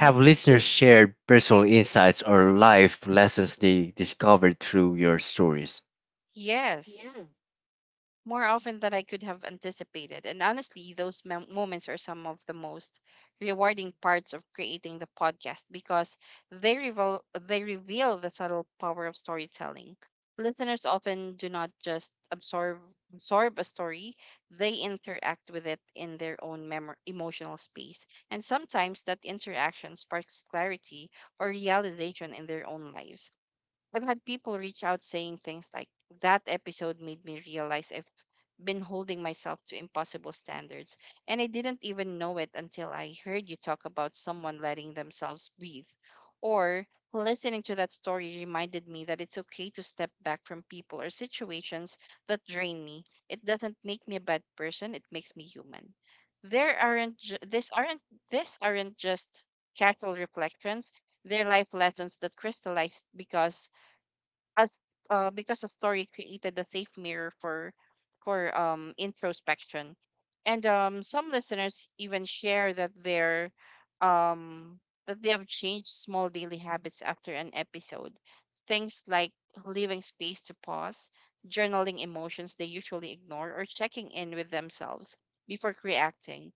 Speaker 1: have listeners shared personal insights or life lessons they discovered through your stories?
Speaker 2: Yes. more often than I could have anticipated. And honestly, those mem- moments are some of the most rewarding parts of creating the podcast because they reveal they reveal the subtle power of storytelling. Listeners often do not just absorb absorb a story; they interact with it in their own mem- emotional space, and sometimes that interaction sparks clarity or realization in their own lives. I've had people reach out saying things like, that episode made me realize I've been holding myself to impossible standards, and I didn't even know it until I heard you talk about someone letting themselves breathe. Or, listening to that story reminded me that it's okay to step back from people or situations that drain me. It doesn't make me a bad person, it makes me human. There aren't ju- this aren't this aren't just casual reflections, they're life lessons that crystallize because as uh, because the story created a safe mirror for for um introspection. And um some listeners even share that they're um that they have changed small daily habits after an episode, things like leaving space to pause, journaling emotions they usually ignore, or checking in with themselves before reacting.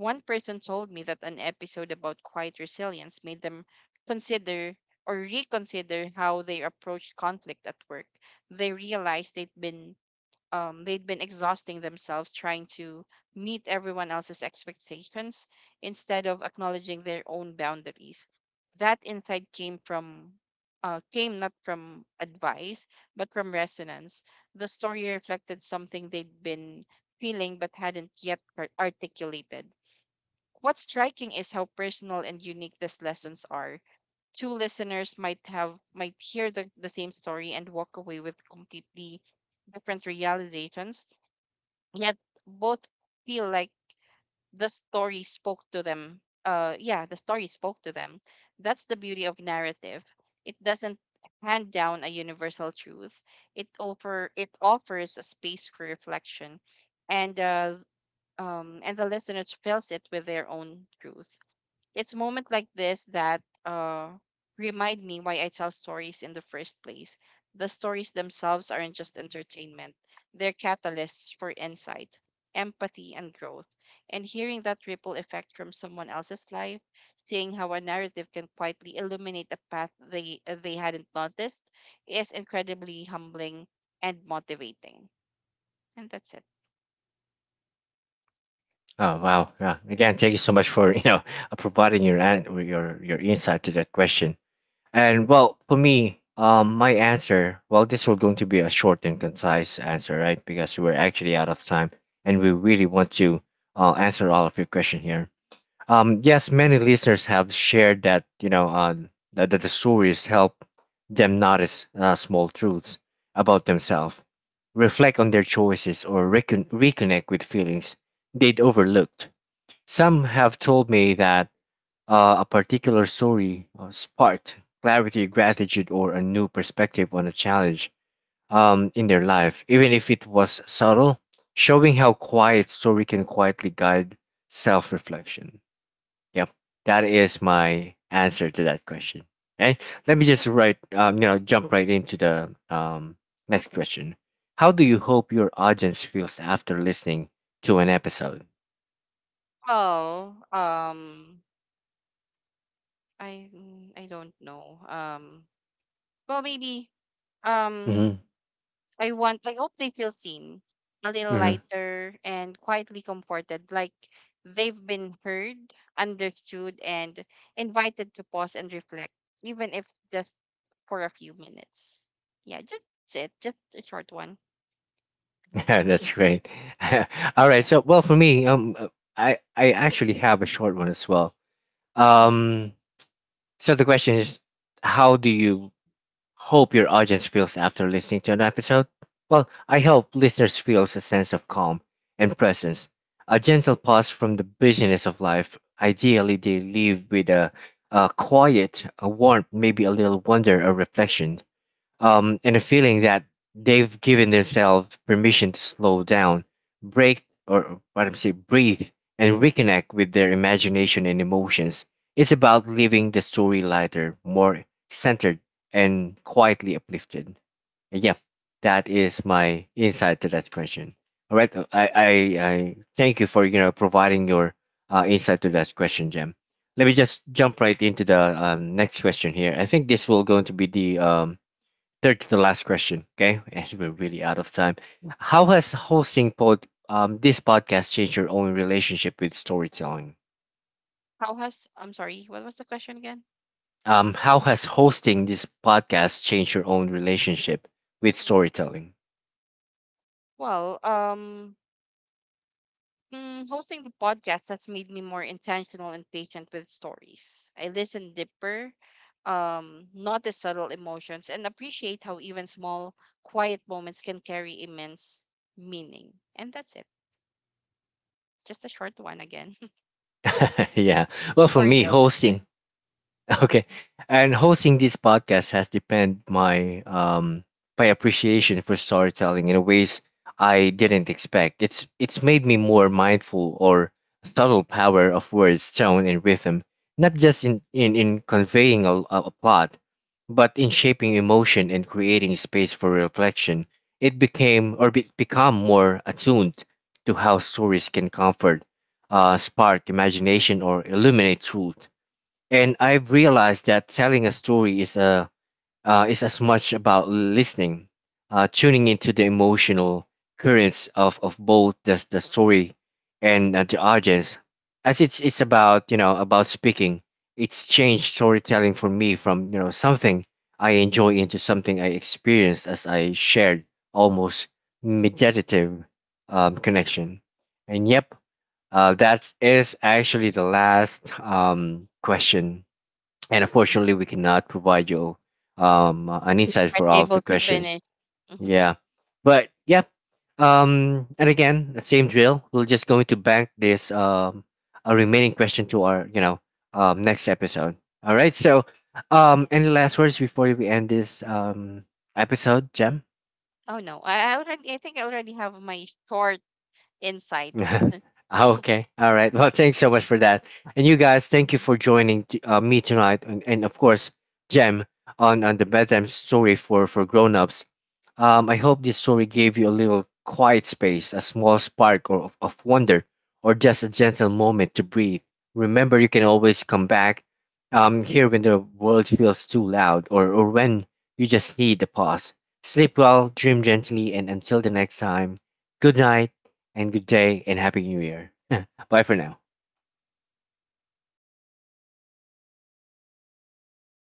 Speaker 2: One person told me that an episode about quiet resilience made them consider or reconsider how they approach conflict at work. They realized they'd been um, they'd been exhausting themselves trying to meet everyone else's expectations instead of acknowledging their own boundaries. That insight came from uh, came not from advice, but from resonance. The story reflected something they'd been feeling but hadn't yet ar- articulated. What's striking is how personal and unique these lessons are. Two listeners might have might hear the, the same story and walk away with completely different realizations, yet both feel like the story spoke to them. uh yeah the story spoke to them that's the beauty of narrative. It doesn't hand down a universal truth. It offer it offers a space for reflection, and uh um and the listener fills it with their own truth. It's moment like this that uh, remind me why I tell stories in the first place. The stories themselves aren't just entertainment, they're catalysts for insight, empathy, and growth. And hearing that ripple effect from someone else's life, seeing how a narrative can quietly illuminate a path they, they hadn't noticed, is incredibly humbling and motivating. And that's it.
Speaker 1: Oh wow! Yeah. Again, thank you so much for you know uh, providing your an- your your insight to that question. And well, for me, um, my answer. Well, this was going to be a short and concise answer, right? Because we're actually out of time, and we really want to uh, answer all of your question here. Um, yes, many listeners have shared that you know uh, that, that the stories help them notice uh, small truths about themselves, reflect on their choices, or recon- reconnect with feelings they'd overlooked. Some have told me that uh, a particular story uh, sparked clarity, gratitude, or a new perspective on a challenge, um, in their life, even if it was subtle, showing how quiet story can quietly guide self-reflection. Yep, that is my answer to that question. Okay, let me just write, um, you know, jump right into the um, next question. How do you hope your audience feels after listening to an episode?
Speaker 2: Well, um, I I don't know. Um, Well, maybe, um
Speaker 1: Hmm.
Speaker 2: I want I hope they feel seen, a little
Speaker 1: Hmm.
Speaker 2: lighter, and quietly comforted, like they've been heard, understood, and invited to pause and reflect, even if just for a few minutes. Yeah, just it. Just a short one. Yeah.
Speaker 1: Yeah, that's great. All right,
Speaker 2: Yeah.
Speaker 1: so well for me, um, uh, I I actually have a short one as well.
Speaker 2: Mm-hmm.
Speaker 1: Um, so the question is, how do you hope your audience feels after listening to an episode. Well, I hope listeners feels a sense of calm and presence, a gentle pause from the busyness of life. Ideally, they leave with a, a quiet, a warmth, maybe a little wonder or reflection, um, and a feeling that they've given themselves permission to slow down, break, or what I'm saying, breathe, and reconnect with their imagination and emotions. It's about living the story lighter, more centered, and quietly uplifted. And yeah, that is my insight to that question. All right, uh, I, I, I thank you for you know providing your uh, insight to that question, Jem. Let me just jump right into the um, next question here. I think this will going to be the um, third to the last question, okay? As we're really out of time, how has hosting pod um this podcast changed your own relationship with storytelling?
Speaker 2: How has I'm sorry, what was the question again?
Speaker 1: Um, how has hosting this podcast changed your own relationship with storytelling?
Speaker 2: Well, um Mm, hosting the podcast has made me more intentional and patient with stories. I listen deeper, um, notice subtle emotions, and appreciate how even small, quiet moments can carry immense meaning. And that's it. Just a short one again.
Speaker 1: Yeah. Well,
Speaker 2: it's
Speaker 1: for
Speaker 2: for
Speaker 1: me,
Speaker 2: real this
Speaker 1: hosting
Speaker 2: time.
Speaker 1: okay.
Speaker 2: Mhm.
Speaker 1: And hosting this podcast has deepened my um my appreciation for storytelling in ways I didn't expect. It's it's made me more mindful or subtle power of words, tone, and rhythm, not just in in in conveying a, a plot, but in shaping emotion and creating space for reflection. It became or be, become more attuned to how stories can comfort, uh, spark imagination, or illuminate truth, and I've realized that telling a story is a uh, is as much about listening, uh, tuning into the emotional currents of, of both the the story and uh, the audience, as it's it's about you know about speaking. It's changed storytelling for me from you know something I enjoy into something I experienced as I shared, almost meditative um, connection. And yep, uh, that is actually the last um, question, and unfortunately we cannot provide you um uh, an insight
Speaker 2: Aren't
Speaker 1: for all of
Speaker 2: able
Speaker 1: the
Speaker 2: to
Speaker 1: questions,
Speaker 2: finish. Mhm.
Speaker 1: yeah, but yeah, um and again the same drill, we're just going to bank this um a remaining question to our you know um next episode. All right, so um any last words before we end this um episode, gem?
Speaker 2: Oh no, I I already. I think I already have my short insights.
Speaker 1: Okay. All right. Well, thanks so much for that. And you guys, thank you for joining t- uh, me tonight. And, and of course, Jem, on, on the bedtime story for, for grown ups. Um, I hope this story gave you a little quiet space, a small spark or of, of wonder, or just a gentle moment to breathe. Remember, you can always come back um, here when the world feels too loud or, or when you just need a pause. Sleep well, dream gently, and until the next time, good night and good day and happy new year. Bye for now.